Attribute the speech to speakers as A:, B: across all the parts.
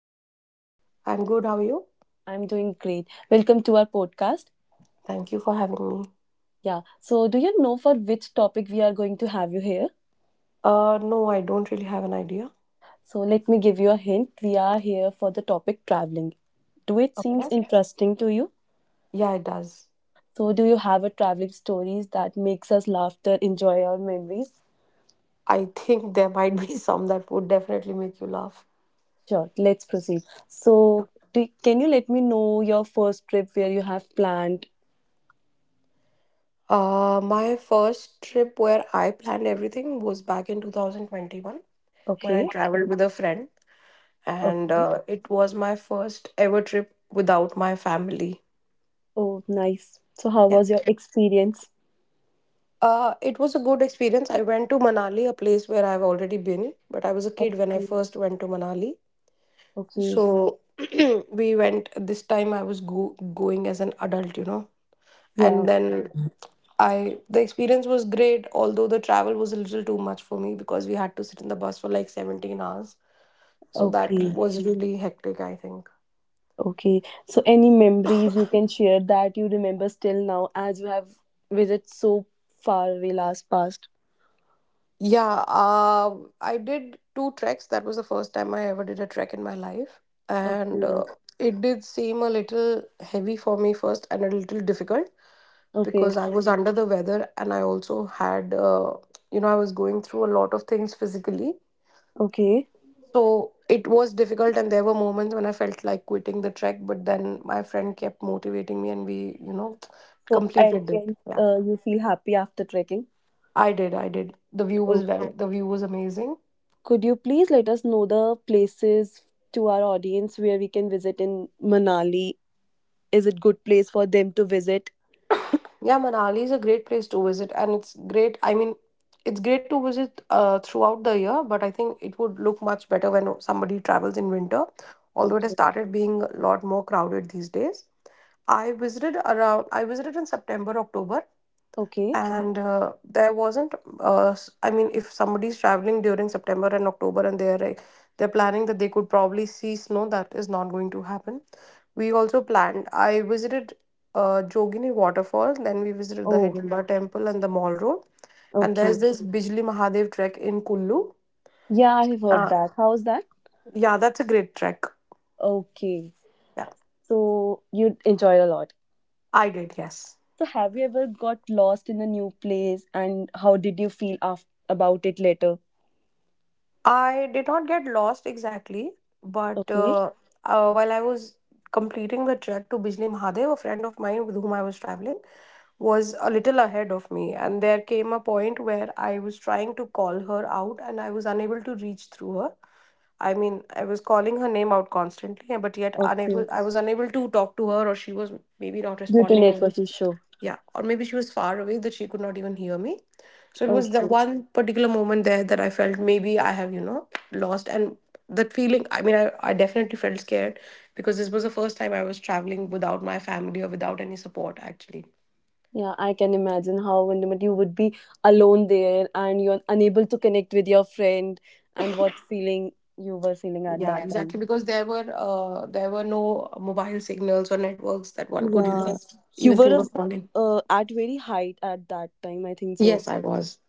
A: how's you?
B: I'm good. How are you?
A: I'm doing great. Welcome to our podcast.
B: Thank you for having me.
A: Yeah, so do you know for which topic we are going to have you here?
B: No, I don't really have an idea.
A: So let me give you a hint. We are here for the topic traveling. Do it seems
B: Okay.
A: interesting to you?
B: Yeah, it does.
A: So do you have a traveling stories that makes us laughter, enjoy our memories?
B: I think there might be some that would definitely make you laugh.
A: Sure, let's proceed.
B: Yeah.
A: So can you let me know your first trip where you have planned?
B: My first trip where I planned everything was back in 2021 when I
A: Okay.
B: traveled with a friend, and
A: Okay.
B: it was my first ever trip without my family.
A: Oh, nice. So how
B: Yeah.
A: was your experience?
B: It was a good experience. I went to Manali, a place where I've already been, but I was a kid when I
A: Okay.
B: first went to Manali.
A: Okay.
B: So we went this time. I was going as an adult,
A: Yeah.
B: and then I the experience was great, although the travel was a little too much for me because we had to sit in the bus for like 17 hours. So that
A: Okay,
B: was really hectic, I think.
A: okay. So, any memories you can share that you remember still now as you have visited so far away last past?
B: Yeah. I did two treks. That was the first time I ever did a trek in my life. And
A: Okay,
B: it did seem a little heavy for me first and a little difficult
A: okay,
B: because I was under the weather, and I also had, I was going through a lot of things physically.
A: okay.
B: So it was difficult, and there were moments when I felt like quitting the trek, but then my friend kept motivating me and we
A: So, at
B: completed
A: the
B: it.
A: end,
B: Yeah,
A: you feel happy after trekking.
B: I did. I did. The view was
A: Oh.
B: the view was amazing.
A: Could you please let us know the places to our audience where we can visit in Manali? Is it good place for them to visit?
B: Yeah, Manali is a great place to visit, and it's great. I mean, it's great to visit throughout the year, but I think it would look much better when somebody travels in winter, although it has
A: Okay,
B: started being a lot more crowded these days. I visited in September, October,
A: okay.
B: and there wasn't, s- I mean, if somebody's traveling during September and October and they're planning that they could probably see snow, that is not going to happen. I visited Jogini Waterfall, then we visited the
A: Oh,
B: Hidimba Temple and the Mall Road, and
A: okay.
B: there's this Bijli Mahadev trek in Kullu.
A: Yeah, I have heard
B: Uh,
A: that. How's that?
B: yeah, that's a great trek.
A: Okay.
B: Yeah,
A: So you enjoyed a lot.
B: I did, yes.
A: So, have you ever got lost in a new place and how did you feel about it later?
B: I did not get lost exactly, but
A: Okay,
B: while I was completing the trek to Bijli Mahadev, a friend of mine with whom I was traveling was a little ahead of me, and there came a point where I was trying to call her out and I was unable to reach through her. I mean, I was calling her name out constantly, but yet unable.
A: okay.
B: I was unable to talk to her, or she was maybe not
A: Due to
B: responding, or
A: network
B: was
A: issue.
B: yeah, or maybe she was far away that she could not even hear me. So it was the
A: Okay.
B: one particular moment there that I felt maybe I have, you know, lost. And that feeling, I mean, I definitely felt scared because this was the first time I was traveling without my family or without any support, actually.
A: Yeah, I can imagine how when you would be alone there and you're unable to connect with your friend and what feeling you were feeling at
B: Yeah,
A: that
B: exactly.
A: time.
B: Because there were no mobile signals or networks that one could, you know,
A: Yeah. You
B: even think
A: were
B: of calling.
A: at very height at that time, I think so.
B: Yes, I was.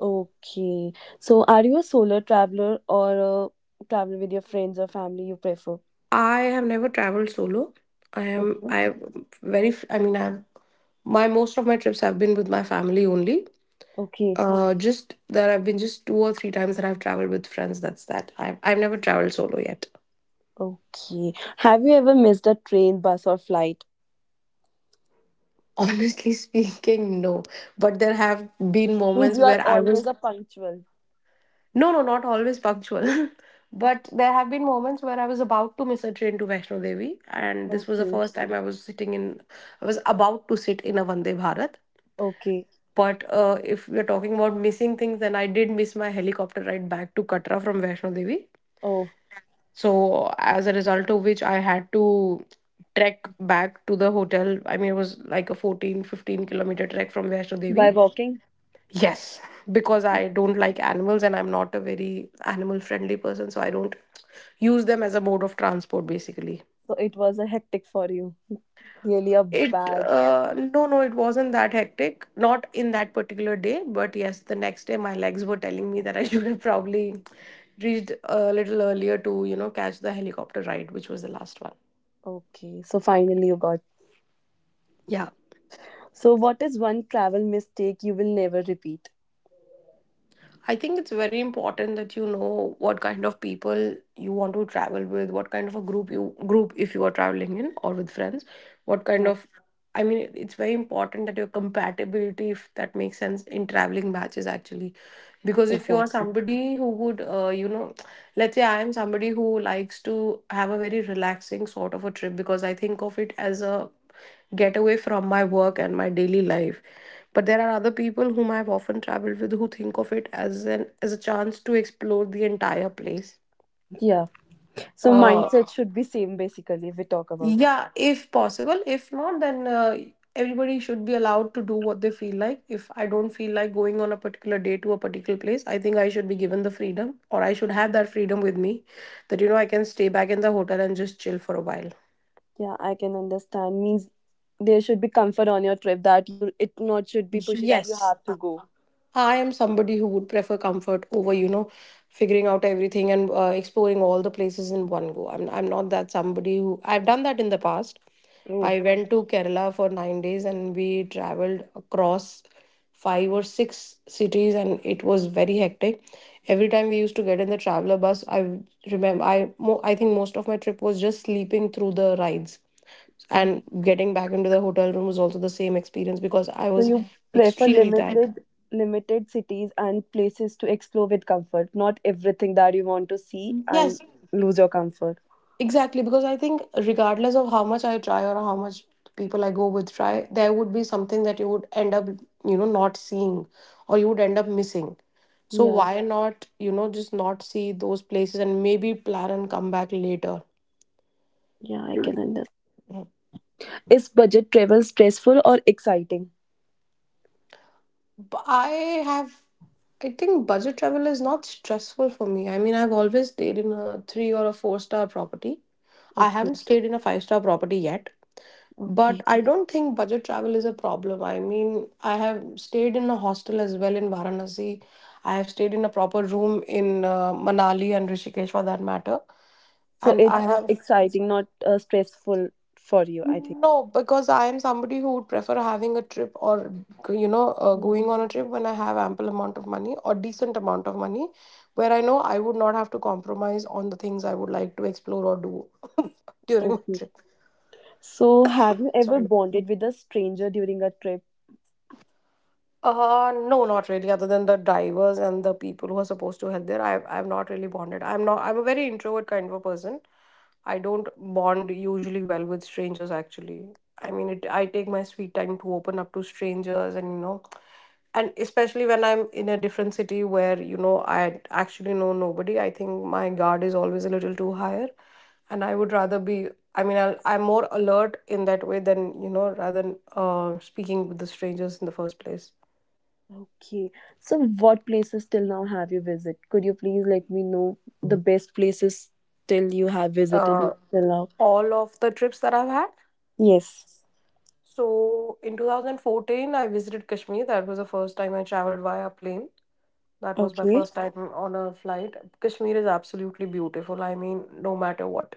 A: Okay. So, are you a solo traveler or a traveler with your friends or family you prefer?
B: I have never traveled solo. I am
A: Okay.
B: I am very. I mean, I am. My most of my trips have been with my family only.
A: Okay,
B: Just that I have been just two or three times that I've traveled with friends. That's that. I've never traveled solo yet.
A: okay. Have you ever missed a train, bus, or flight?
B: Honestly speaking, no. But there have been
A: Means
B: moments
A: you are
B: where I was
A: always a punctual.
B: no, no, not always punctual. But there have been moments where I was about to miss a train to Vaishno Devi, and this was the
A: Okay,
B: first time I was sitting in. I was about to sit in a Vande Bharat.
A: okay.
B: But if we're talking about missing things, then I did miss my helicopter ride back to Katra from Vaishno Devi.
A: Oh,
B: So as a result of which I had to trek back to the hotel. I mean, it was like a 14, 15 kilometer trek from Vaishno
A: by
B: Devi.
A: walking?
B: Yes, because I don't like animals and I'm not a very animal friendly person, so I don't use them as a mode of transport basically.
A: So it was a hectic for you. Really a
B: It
A: bad.
B: No, it wasn't that hectic, not in that particular day, but yes, the next day my legs were telling me that I should have probably reached a little earlier to, you know, catch the helicopter ride, which was the last one.
A: Okay, so finally you got.
B: Yeah.
A: So what is one travel mistake you will never repeat?
B: I think it's very important that you know what kind of people you want to travel with, what kind of a group if you are traveling in or with friends, what kind
A: Uh,
B: of. I mean, it's very important that your compatibility, if that makes sense in traveling, matches actually, because if you are
A: exactly.
B: somebody who would let's say, I am somebody who likes to have a very relaxing sort of a trip because I think of it as a get away from my work and my daily life. But there are other people whom I've often traveled with who think of it as an as a chance to explore the entire place.
A: Yeah. So
B: Uh,
A: mindset should be same basically if we talk about.
B: yeah, if possible. If not, then everybody should be allowed to do what they feel like. If I don't feel like going on a particular day to a particular place, I think I should be given the freedom, or I should have that freedom with me, that you know I can stay back in the hotel and just chill for a while.
A: Yeah, I can understand. Means there should be comfort on your trip that you it not should be pushy that you
B: Yes,
A: have to go.
B: I am somebody who would prefer comfort over, you know, figuring out everything and exploring all the places in one go. I'm not that somebody who. I've done that in the past.
A: Oh,
B: I went to Kerala for 9 days and we traveled across five or six cities and it was very hectic. Every time we used to get in the traveler bus, I remember I mo- I think most of my trip was just sleeping through the rides, and getting back into the hotel room was also the same experience because I
A: so
B: was
A: you prefer
B: extremely tired.
A: limited cities and places to explore with comfort, not everything that you want to see and
B: Yes,
A: lose your comfort.
B: exactly, because I think regardless of how much I try or how much people I go with try, there would be something that you would end up, you know, not seeing, or you would end up missing. So
A: Yeah,
B: why not, you know, just not see those places and maybe plan and come back later.
A: yeah, I can understand.
B: Mm.
A: Is budget travel stressful or exciting?
B: But I have, I think budget travel is not stressful for me. I mean, I've always stayed in a three or a four-star property. I haven't
A: Okay,
B: stayed in a five-star property yet. But
A: okay.
B: I don't think budget travel is a problem. I mean, I have stayed in a hostel as well in Varanasi. I have stayed in a proper room in Manali and Rishikesh for that matter.
A: So
B: And I
A: it's
B: have
A: exciting, not stressful for you, I think.
B: no, because I am somebody who would prefer having a trip, or you know going
A: Mm.
B: on a trip when I have ample amount of money or decent amount of money, where I know I would not have to compromise on the things I would like to explore or do during my
A: Okay.
B: trip.
A: So have you ever
B: Sorry.
A: bonded with a stranger during a trip?
B: No, not really. Other than the drivers and the people who are supposed to help there, I've not really bonded. I'm not. I'm a very introvert kind of a person. I don't bond usually well with strangers. Actually, I mean, it. I take my sweet time to open up to strangers, and you know, and especially when I'm in a different city where you know I actually know nobody. I think my guard is always a little too higher, and I would rather be. I mean, I'm more alert in that way than, you know, rather than speaking with the strangers in the first place.
A: Okay. So, what places till now have you visited? Could you please let me know the best places till you have visited
B: uh,
A: till now?
B: all of the trips that I've had.
A: Yes.
B: So in 2014, I visited Kashmir. That was the first time I traveled via plane. That was my
A: Okay.
B: first time on a flight. Kashmir is absolutely beautiful. I mean, no matter what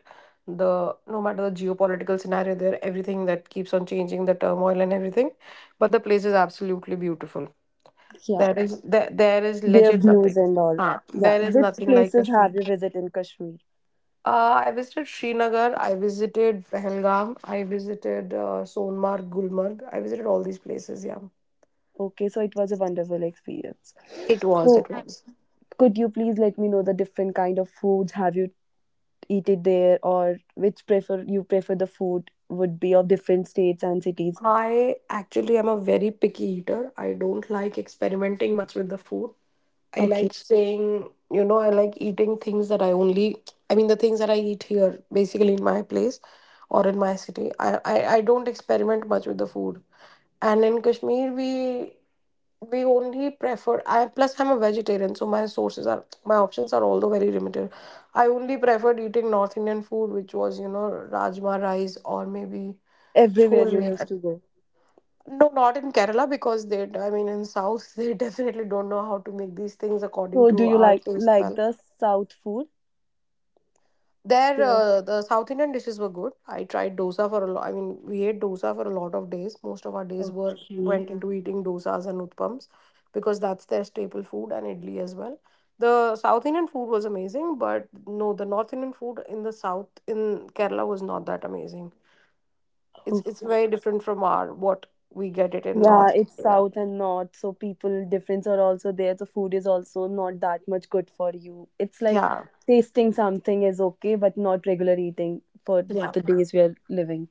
B: the no matter the geopolitical scenario there, everything that keeps on changing, the turmoil and everything, but the place is absolutely beautiful.
A: Yeah.
B: There is
A: Their
B: legit
A: views
B: nothing.
A: and all.
B: Ah,
A: Yeah.
B: there is
A: Which
B: nothing like
A: places
B: Kashmir.
A: have you visited in Kashmir?
B: I visited Srinagar, I visited Pahalgam, I visited Sonmark, Gulmarg. I visited all these places, yeah.
A: Okay. So, it was a wonderful experience.
B: It was,
A: So,
B: it was.
A: could you please let me know the different kind of foods have you eaten there, or which prefer you prefer the food would be of different states and cities?
B: I actually am a very picky eater. I don't like experimenting much with the food. I
A: Okay.
B: like saying, you know, I like eating things that I mean, the things that I eat here, basically in my place or in my city. I don't experiment much with the food. And in Kashmir, we only prefer I. Plus I'm a vegetarian, so my sources are, my options are although very limited. I only preferred eating North Indian food, which was, you know, rajma rice or maybe
A: Everywhere
B: chole.
A: you used to go.
B: No, not in Kerala, because they, in South, they definitely don't know how to make these things according
A: So do
B: to
A: you
B: our
A: like
B: taste
A: like
B: palates.
A: the south food?
B: There,
A: There?
B: the South Indian dishes were good. I tried dosa for a lot. I mean, we ate dosa for a lot of days. Most of our days were
A: Okay.
B: went into eating dosas and utpams because that's their staple food, and idli as well. The South Indian food was amazing, but no, the North Indian food in the South in Kerala was not that amazing. It's
A: Oh.
B: it's very different from our what we get it in
A: Yeah,
B: North.
A: it's
B: India.
A: south and north, so people difference are also there. So food is also not that much good for you. It's like
B: Yeah,
A: tasting something is okay, but not regular eating for
B: yeah.
A: the days we are living.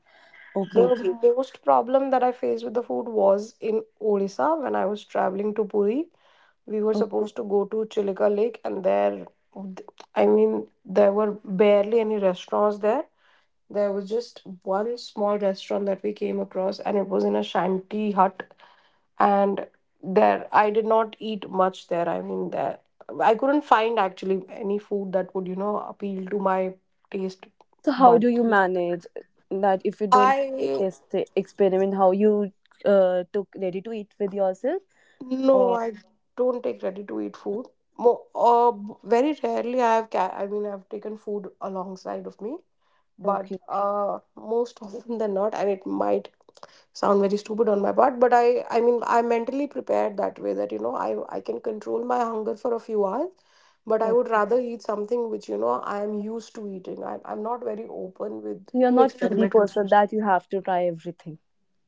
B: The
A: Okay.
B: Most problem that I faced with the food was in Odisha when I was traveling to Puri. We were
A: Oh,
B: supposed to go to Chilika Lake, and there, I mean, there were barely any restaurants there. There was just one small restaurant that we came across, and it was in a shanty hut. And there, I did not eat much there. I couldn't find actually any food that would, you know, appeal to my taste
A: so how do you
B: buds.
A: manage that if you don't
B: I.
A: test the experiment? How you took ready to eat with yourself?
B: No,
A: Or
B: I don't take ready-to-eat food. Very rarely I have ca I mean I've taken food alongside of me, but
A: okay,
B: most often than not, and it might sound very stupid on my part, but I mean I'm mentally prepared that way that, you know, I can control my hunger for a few hours, but I would
A: okay. So,
B: rather eat something which, you know, I am used to eating. I'm not very open with
A: you're
B: to
A: not foodie
B: experiment with
A: person
B: food.
A: that you have to try everything.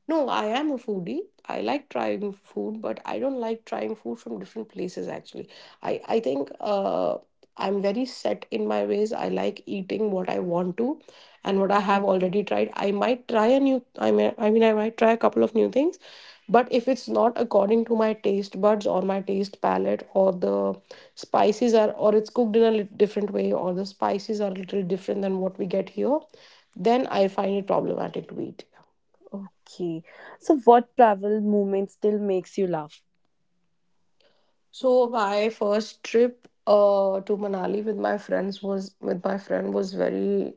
B: No, I am a foodie. I like trying food, but I don't like trying food from different places actually. I think I'm very set in my ways. I like eating what I want to and what I have already tried. I might try a new I mean I might try a couple of new things, but if it's not according to my taste buds or my taste palette or the spices are or it's cooked in a different way, or the spices are a little different than what we get here, then I find it problematic to eat.
A: Okay. So, what travel moment still makes you laugh?
B: So my first trip to Manali with my friends was with my friend was very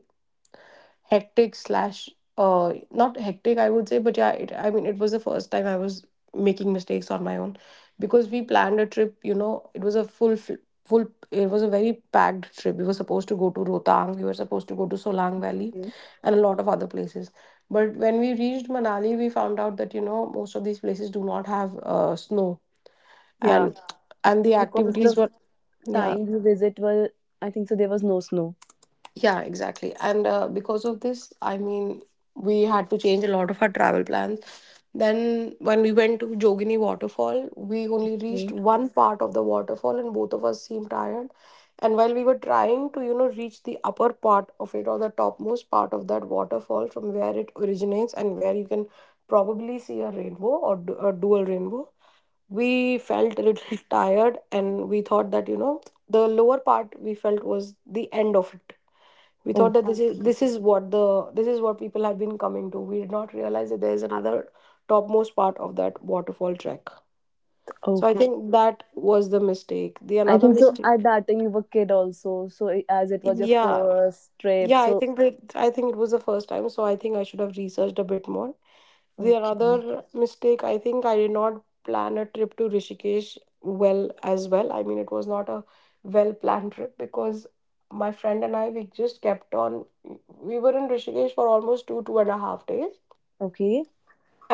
B: hectic slash not hectic, I would say, but yeah it, I mean it was the first time I was making mistakes on my own, because we planned a trip, you know, it was a full, it was a very packed trip. We were supposed to go to Rotang, we were supposed to go to Solang Valley
A: Mm.
B: and a lot of other places, but when we reached Manali, we found out that, you know, most of these places do not have snow,
A: Yeah,
B: and and the
A: because
B: activities
A: the
B: were. Yeah,
A: time you visit were, I think so, there was no snow.
B: yeah, exactly. And because of this, I mean, we had to change a lot of our travel plans. Then, when we went to Jogini Waterfall, we only reached
A: Mm.
B: one part of the waterfall, and both of us seemed tired. And while we were trying to, you know, reach the upper part of it or the topmost part of that waterfall from where it originates and where you can probably see a rainbow or a dual rainbow, we felt a little tired, and we thought that, you know, the lower part we felt was the end of it. We
A: Oh,
B: thought that this is what the, this is what people have been coming to. We did not realize that there is another topmost part of that waterfall trek.
A: oh.
B: So I think that was the mistake, the
A: I
B: another
A: think so. At
B: mistake.
A: that time, you were kid also. So, as it was your
B: Yeah.
A: first trip,
B: Yeah,
A: so
B: I think it was the first time, so I think I should have researched a bit more. The
A: okay,
B: another mistake, I think I did not plan a trip to Rishikesh well as well. I mean, it was not a well planned trip, because my friend and I we just kept on. We were in Rishikesh for almost two 2.5 days,
A: okay.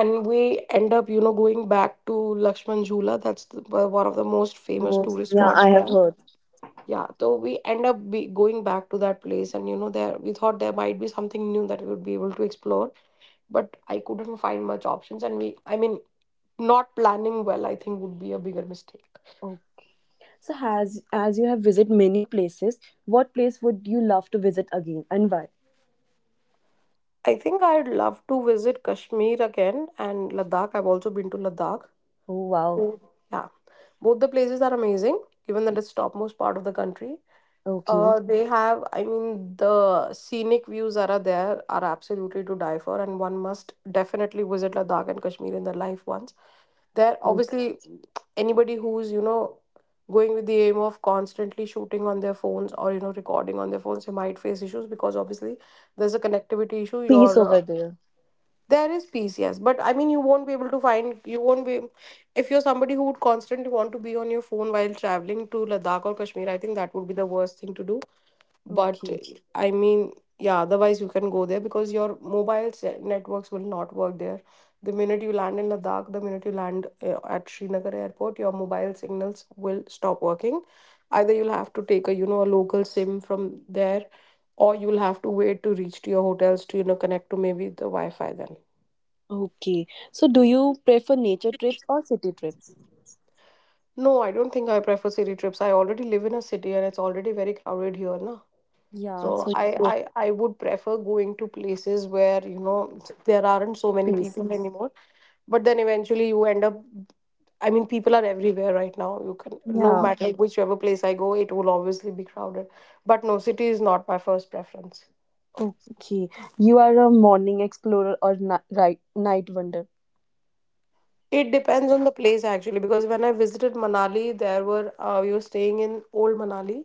B: and we end up, you know, going back to Lakshman Jhula. That's the, one of the most famous
A: Most,
B: tourist
A: yeah,
B: spots
A: I have
B: there.
A: heard.
B: Yeah, so we end up be going back to that place, and you know, there we thought there might be something new that we would be able to explore, but I couldn't find much options, and we, I mean, not planning well, I think would be a bigger mistake.
A: Oh, so has as you have visited many places, what place would you love to visit again and why?
B: I think I'd love to visit Kashmir again and Ladakh. I've also been to Ladakh.
A: Oh, wow.
B: So, yeah, both the places are amazing, given that it's topmost part of the country.
A: Okay.
B: They have, I mean, the scenic views that are there are absolutely to die for, and one must definitely visit Ladakh and Kashmir in their life once. That
A: Okay.
B: obviously anybody who's, you know, going with the aim of constantly shooting on their phones or, you know, recording on their phones, they might face issues because obviously there's a connectivity issue
A: Peace
B: your
A: over there.
B: there is peace, yes, but I mean you won't be able to find, you won't be, if you're somebody who would constantly want to be on your phone while traveling to Ladakh or Kashmir, I think that would be the worst thing to do. But
A: Okay.
B: I mean, yeah, otherwise you can go there, because your networks will not work there. The minute you land in Ladakh, the minute you land at Srinagar airport, your mobile signals will stop working. Either you'll have to take a, you know, a local SIM from there, or you'll have to wait to reach to your hotels to, you know, connect to maybe the Wi-Fi then.
A: Okay. So do you prefer nature trips or city trips?
B: No, I don't think I prefer city trips. I already live in a city, and it's already very crowded here na.
A: Yeah,
B: So
A: so you prefer
B: I would prefer going to places where, you know, there aren't so many
A: peace.
B: people anymore. But then eventually you end up, I mean, people are everywhere right now, you can, no
A: Yeah.
B: matter whichever place I go, it will obviously be crowded. But no, city is not my first preference.
A: Okay. You are a morning explorer or right night wonder.
B: It depends on the place actually, because when I visited Manali, there were we were staying in Old Manali,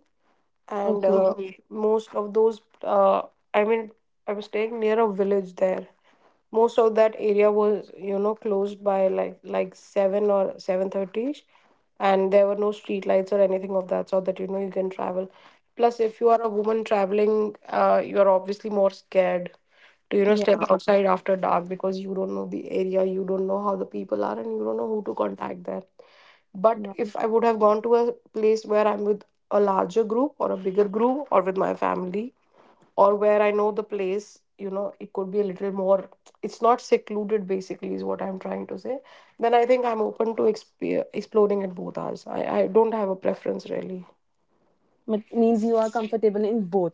B: and
A: Okay.
B: Most of those I mean I was staying near a village there. Most of that area was, you know, closed by like 7 or 7:30, and there were no street lights or anything of that sort that, you know, you can travel. Plus, if you are a woman traveling, you are obviously more scared to, you know, step
A: Yeah.
B: Outside after dark, because you don't know the area, you don't know how the people are, and you don't know who to contact there. But
A: Yeah.
B: if I would have gone to a place where I'm with a larger group or a bigger group or with my family, or where I know the place, you know, it could be a little more, it's not secluded basically, is what I'm trying to say. Then I think I'm open to exploring at both hours. I don't have a preference really.
A: But means you are comfortable in both.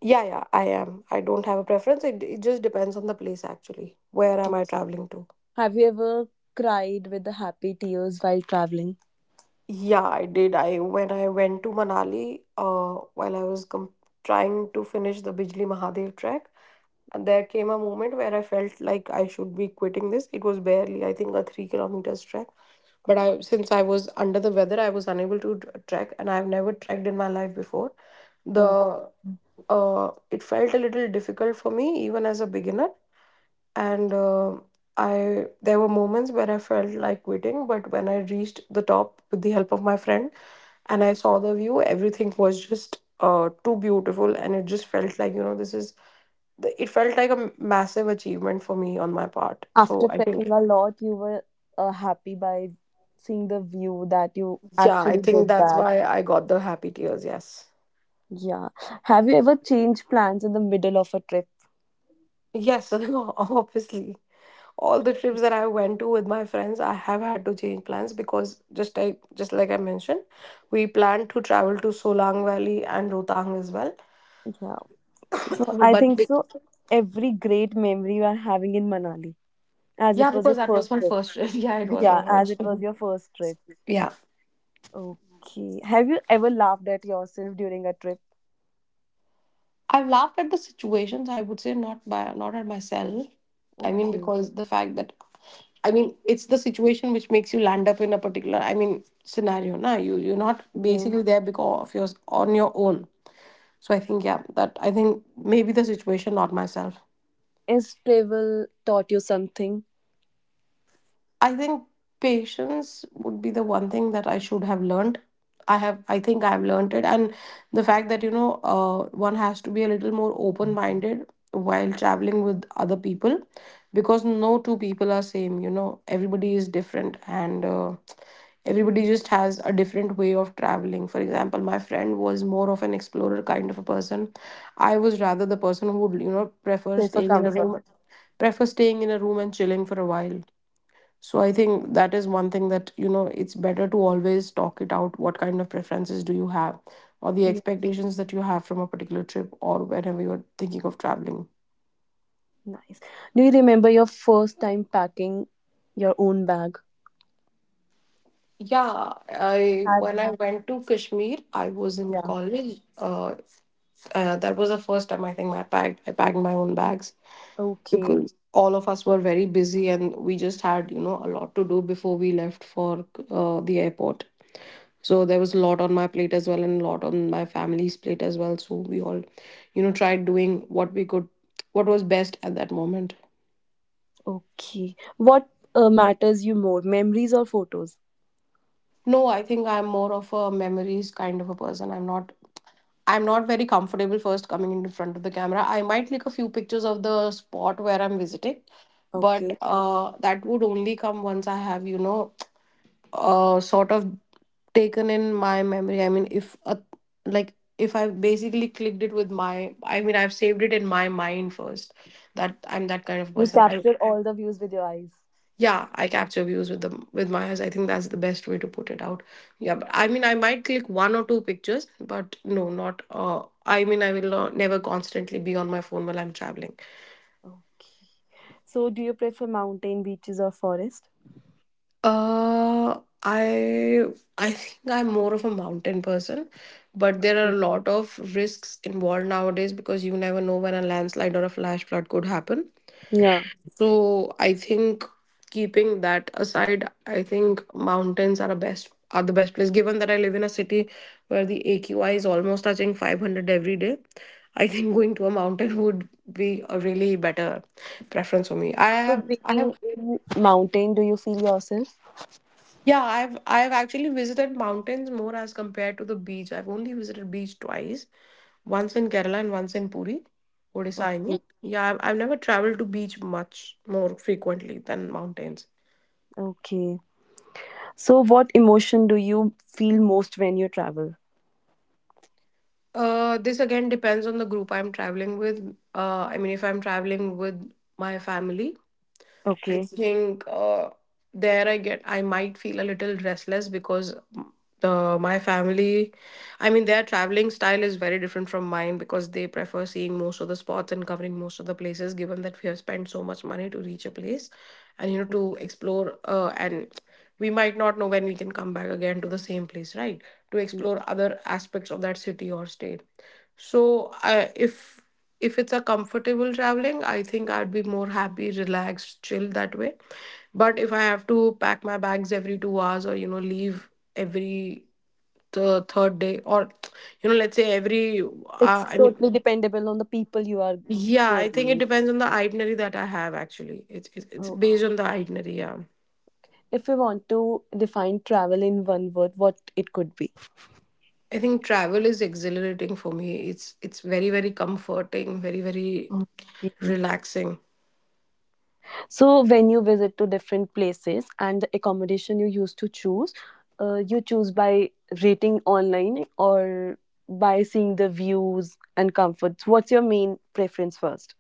B: Yeah, yeah, I am. I don't have a preference. It just depends on the place actually. Where am I traveling to?
A: Have you ever cried with the happy tears while traveling?
B: Yeah, I did. I when I went to Manali, while I was com trying to finish the Bijli Mahadev trek, and there came a moment where I felt like I should be quitting this. It was barely, I think, a 3 kilometers trek. But I, since I was under the weather, I was unable to trek, and I've never trekked in my life before. The
A: Oh,
B: it felt a little difficult for me even as a beginner, and I there were moments where I felt like quitting. But when I reached the top with the help of my friend and I saw the view. Everything was just too beautiful, and it just felt like, you know, this is. The- it felt like a massive achievement for me on my part. So
A: after
B: I think,
A: trekking a lot, you were happy by seeing the view that you
B: yeah, I
A: actually
B: think
A: did
B: that's
A: that.
B: why I got the happy tears. Yes,
A: Yeah. Have you ever changed plans in the middle of a trip?
B: yes, obviously. All the trips that I went to with my friends, I have had to change plans because just I just like I mentioned, we planned to travel to Solang Valley and Rotang as well.
A: Yeah. So I
B: But
A: think
B: be-
A: so. Every great memory you are having in Manali, as it
B: yeah,
A: was your
B: because that
A: first
B: was my
A: trip.
B: first trip. Yeah, it was my
A: Yeah, as
B: first
A: it
B: trip.
A: was your first trip.
B: Yeah.
A: Okay. Have you ever laughed at yourself during a trip?
B: I've laughed at the situations. I would say not by not at myself. I mean,
A: Okay.
B: because the fact that I mean it's the situation which makes you land up in a particular I mean scenario. Now you're not
A: Hmm.
B: basically there because of yours on your own. So I think, yeah, that I think maybe the situation, not myself.
A: Is travel taught you something?
B: I think patience would be the one thing that I should have learned. I have, I think I have learned it, and the fact that one has to be a little more open-minded while traveling with other people, because no two people are same. Everybody is different, and everybody just has a different way of traveling. For example, my friend was more of an explorer kind of a person. I was rather the person who would prefer
A: Pay for
B: staying in a
A: comfort.
B: room, prefer staying in a room and chilling for a while. So I think that is one thing that, it's better to always talk it out. What kind of preferences do you have, or the
A: Yeah.
B: expectations that you have from a particular trip, or whenever you're thinking of traveling?
A: Nice. Do you remember your first time packing your own bag?
B: Yeah, I
A: Have
B: when I went to Kashmir, I was in
A: Yeah.
B: college. That was the first time I think I packed my own bags
A: Okay.
B: because all of us were very busy and we just had a lot to do before we left for the airport. So there was a lot on my plate as well and a lot on my family's plate as well. So we all tried doing what we could, what was best at that moment.
A: Okay. What matters you more, memories or photos?
B: No, I think I'm more of a memories kind of a person. I'm not very comfortable first coming in front of the camera. I might take a few pictures of the spot where I'm visiting, but
A: Okay.
B: that would only come once I have a sort of taken in my memory. I mean, if a, like if I basically clicked it with my, I mean, I've saved it in my mind first. That I'm that kind of
A: You
B: person. I
A: capture all the views with your eyes.
B: Yeah, I capture views with my eyes. I think that's the best way to put it out. Yeah, but I mean, I might click one or two pictures, but no, not. I mean, I will not, never constantly be on my phone while I'm traveling.
A: Okay. So, do you prefer mountain, beaches, or forest?
B: Uh, I I think I'm more of a mountain person, but there are a
A: Mhm.
B: lot of risks involved nowadays because you never know when a landslide or a flash flood could happen.
A: Yeah.
B: So I think keeping that aside, I think mountains are the best place. Given that I live in a city where the AQI is almost touching 500 every day, I think going to a mountain would be a really better preference for me.
A: So,
B: I
A: being
B: have
A: in mountain, do you feel yourself?
B: Yeah, I've actually visited mountains more as compared to the beach. I've only visited beach twice, once in Kerala and once in Puri, Odisha, I
A: Okay.
B: mean. Yeah, I've never traveled to beach much more frequently than mountains.
A: Okay. So, what emotion do you feel most when you travel?
B: This again depends on the group I'm traveling with. I mean, if I'm traveling with my family, I
A: Okay.
B: think there I get I might feel a little restless because the my family, I mean their traveling style is very different from mine because they prefer seeing most of the spots and covering most of the places. Given that we have spent so much money to reach a place, and to explore, and we might not know when we can come back again to the same place, right? To
A: Yeah.
B: explore other aspects of that city or state. So I if it's a comfortable traveling, I think I'd be more happy, relaxed, chill that way. But if I have to pack my bags every 2 hours or leave every the third day or let's say every
A: It's
B: I mean,
A: totally dependable on the people you are
B: yeah,
A: going
B: I think it
A: with.
B: depends on the itinerary that I have actually. It's
A: Oh.
B: based on the itinerary, yeah.
A: If you want to define travel in one word, what it could be?
B: I think travel is exhilarating for me. It's very very comforting, very very
A: Okay.
B: relaxing.
A: So when you visit to different places and the accommodation you used to choose, you choose by rating online or by seeing the views and comforts. What's your main preference first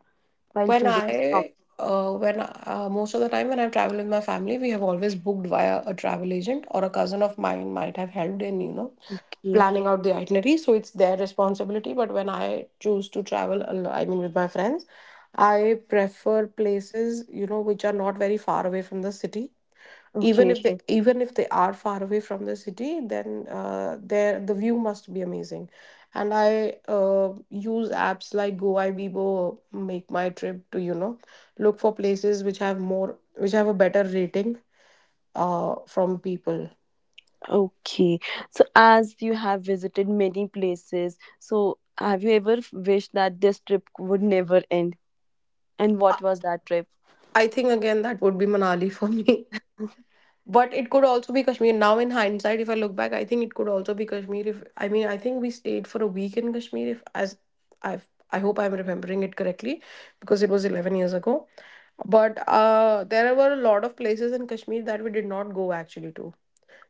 A: while
B: When
A: choosing? accom-
B: I, when Most of the time when I've traveled with my family, we have always booked via a travel agent or a cousin of mine might have helped in,
A: Okay.
B: planning out the itinerary. So it's their responsibility. But when I choose to travel, I mean, with my friends, I prefer places, which are not very far away from the city. Even
A: Okay.
B: if they, okay, even if they are far away from the city, then the view must be amazing. And I uh, use apps like Goibibo, Make My Trip, to look for places which have a better rating from people.
A: Okay. So as you have visited many places, so have you ever wished that this trip would never end? And what was that trip?
B: I think again that would be Manali for me. But it could also be Kashmir. Now in hindsight, if I look back, I think it could also be Kashmir. If I mean, I think we stayed for a week in Kashmir. If as I've, I hope I'm remembering it correctly, because it was 11 years ago. But there were a lot of places in Kashmir that we did not go actually to.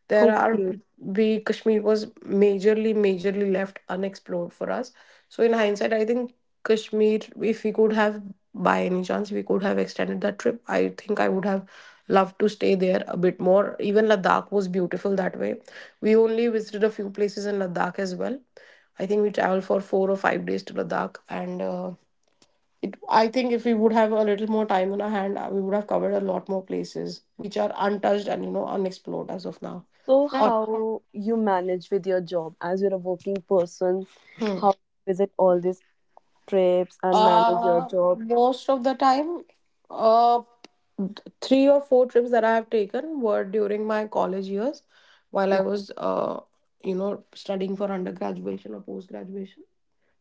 B: There are
A: Okay.
B: we Kashmir was majorly, majorly left unexplored for us. So in hindsight, I think Kashmir, if we could have by any chance we could have extended that trip, I think I would have loved to stay there a bit more. Even Ladakh was beautiful that way. We only visited a few places in Ladakh as well. I think we traveled for 4 or 5 days to Ladakh and. I think if we would have a little more time on our hand, we would have covered a lot more places which are untouched and unexplored as of now.
A: So,
B: Or.
A: how you manage with your job as you're a working person?
B: Hmm.
A: How you visit all these trips and manage your
B: uh,
A: job?
B: Most of the time, uh, three or four trips that I have taken were during my college years, while I
A: Okay,
B: was you know studying for undergraduation or post graduation.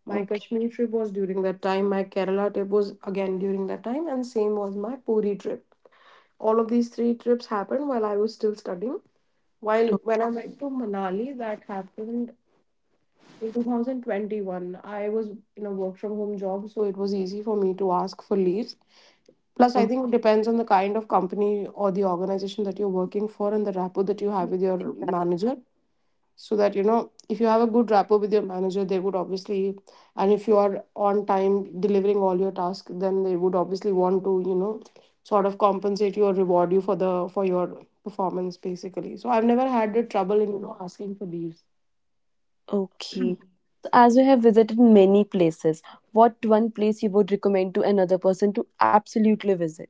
B: My
A: okay,
B: Kashmir trip was during that time. My Kerala trip was again during that time, and same was my Puri trip. All of these three trips happened while I was still studying. While
A: okay,
B: When I went to Manali, that happened in 2021. I was in a work from home job, so it was easy for me to ask for leaves. Plus, I
A: okay.
B: think it depends on the kind of company or the organization that you're working for and the rapport that you have with your
A: exact-
B: manager, so that if you have a good rapport with your manager, they would obviously, and if you are on time delivering all your tasks, then they would obviously want to sort of compensate you or reward you for your performance basically. So I've never had the trouble in asking for leaves.
A: okay. So, as you have visited many places, what one place you would recommend to another person to absolutely visit?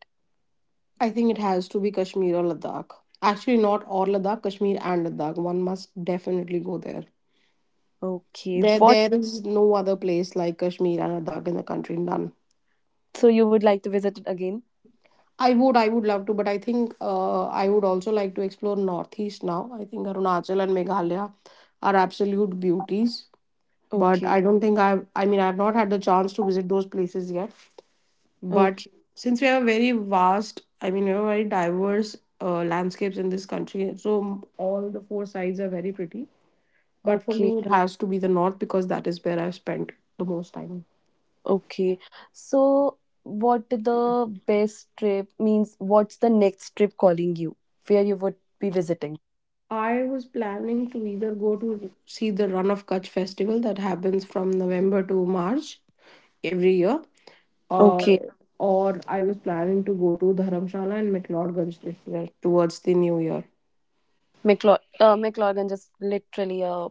B: I think it has to be Kashmir or Ladakh. Actually, not or Ladakh, Kashmir and Ladakh, one must definitely go there.
A: Okay,
B: there
A: what
B: there is no other place like Kashmir and Ladakh in the country. None.
A: so you would like to visit it again?
B: I would love to, but I think I would also like to explore Northeast now. I think Arunachal and Meghalaya are absolute beauties, but
A: Okay,
B: I don't think I've, I mean, I've not had the chance to visit those places yet. But
A: okay,
B: since we have a very vast, I mean, we have very diverse landscapes in this country, so all the four sides are very pretty. But for
A: okay.
B: me, it has to be the North because that is where I've spent the most time.
A: Okay. So, what the best trip means? What's the next trip calling you? Where you would be visiting?
B: I was planning to either go to see the Run of Kutch festival that happens from November to March every year, or
A: Okay.
B: or I was planning to go to Dharamshala and McLeodganj this year towards the new year.
A: McLeodganj is literally a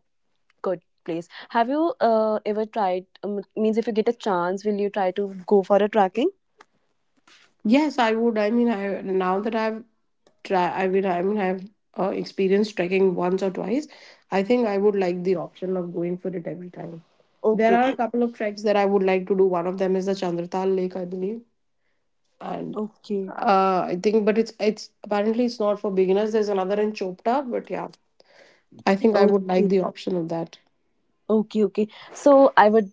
A: good place. Have you ever tried? Means if you get a chance, will you try to go for a trekking?
B: Yes, I would. I mean, I now that I've try. I mean, I've experienced trekking once or twice. I think I would like the option of going for it every time. There are a
A: Okay.
B: couple of treks that I would like to do. One of them is the Chandratal Lake, I believe, and
A: Okay.
B: I think, but it's apparently it's not for beginners. There's another in Chopta, but yeah, I think I would
A: Okay.
B: like the option of that.
A: Okay, okay. So I would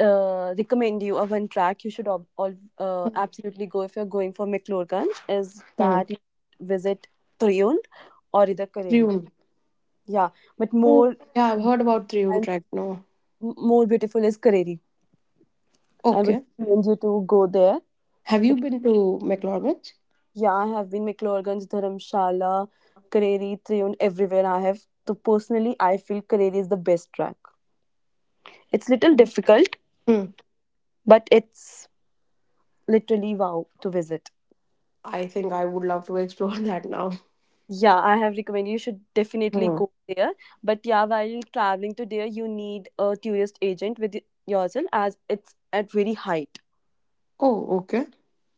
A: recommend you a one track you should all absolutely go if you're going for McClurganj is
B: Hmm.
A: that you visit Tryund or either Kareri.
B: Triun.
A: Yeah, but
B: Oh, yeah, I've heard about Triun
A: and
B: Trek. No,
A: more beautiful is Kareri. I would
B: okay.
A: recommend you to go there.
B: Have you
A: It,
B: been to McLaurin's?
A: yeah, I have been McClurganj, Dharamshala, Kareri, Tryund, everywhere I have. So personally, I feel Kareri is the best track. It's little difficult,
B: Hmm.
A: but it's literally wow to visit.
B: I think I would love to explore that now.
A: Yeah, I have recommend you should definitely
B: Hmm.
A: go there. But yeah, while traveling to there, you need a tourist agent with yourself as it's at very height.
B: Oh, okay.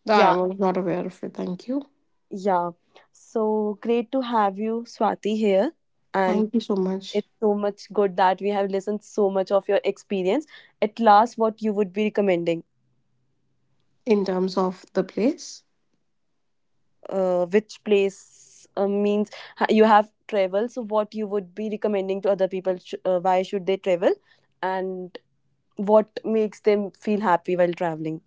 B: I
A: Yeah,
B: was not aware of it. Thank you.
A: yeah. So great to have you, Swati, here. And
B: Thank you so much.
A: it's so much good that we have listened so much of your experience. At last, what you would be recommending?
B: In terms of the place.
A: Which place means you have traveled? So what you would be recommending to other people? Why should they travel? And what makes them feel happy while traveling.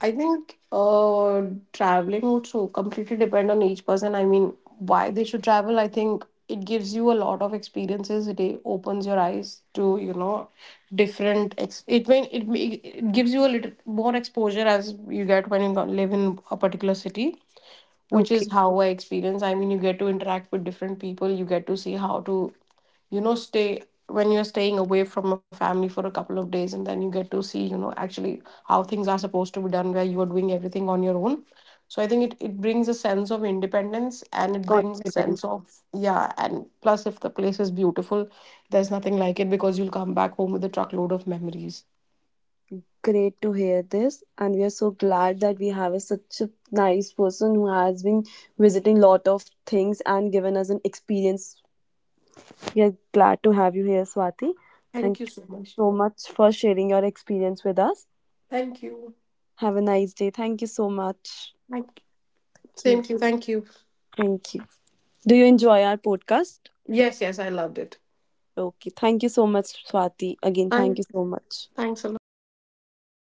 B: I think traveling would so completely depend on each person. I mean, why they should travel. I think it gives you a lot of experiences. It opens your eyes to different. Ex- it mean it, may, It gives you a little more exposure as you get when you live in a particular city, which is
A: Okay,
B: how I experience. I mean, you get to interact with different people, you get to see how to, stay when you're staying away from a family for a couple of days, and then you get to see, actually how things are supposed to be done where you are doing everything on your own. So I think it brings a sense of independence and it brings a
A: confident.
B: sense of, yeah, and plus if the place is beautiful, there's nothing like it because you'll come back home with a truckload of memories.
A: Great to hear this, and we are so glad that we have such a nice person who has been visiting lot of things and given us an experience. We are glad to have you here, Swati.
B: Thank
A: Thank
B: you
A: you
B: so much.
A: so much for sharing your experience with us.
B: Thank you.
A: Have a nice day. Thank you so much.
B: Thank you.
A: Thank you.
B: Same to you. Thank you.
A: Thank you. Do you enjoy our podcast?
B: Yes, yes, I loved it.
A: Okay. Thank you so much, Swati. Again, thank
B: I
A: you so much.
B: Thanks a lot. Bye.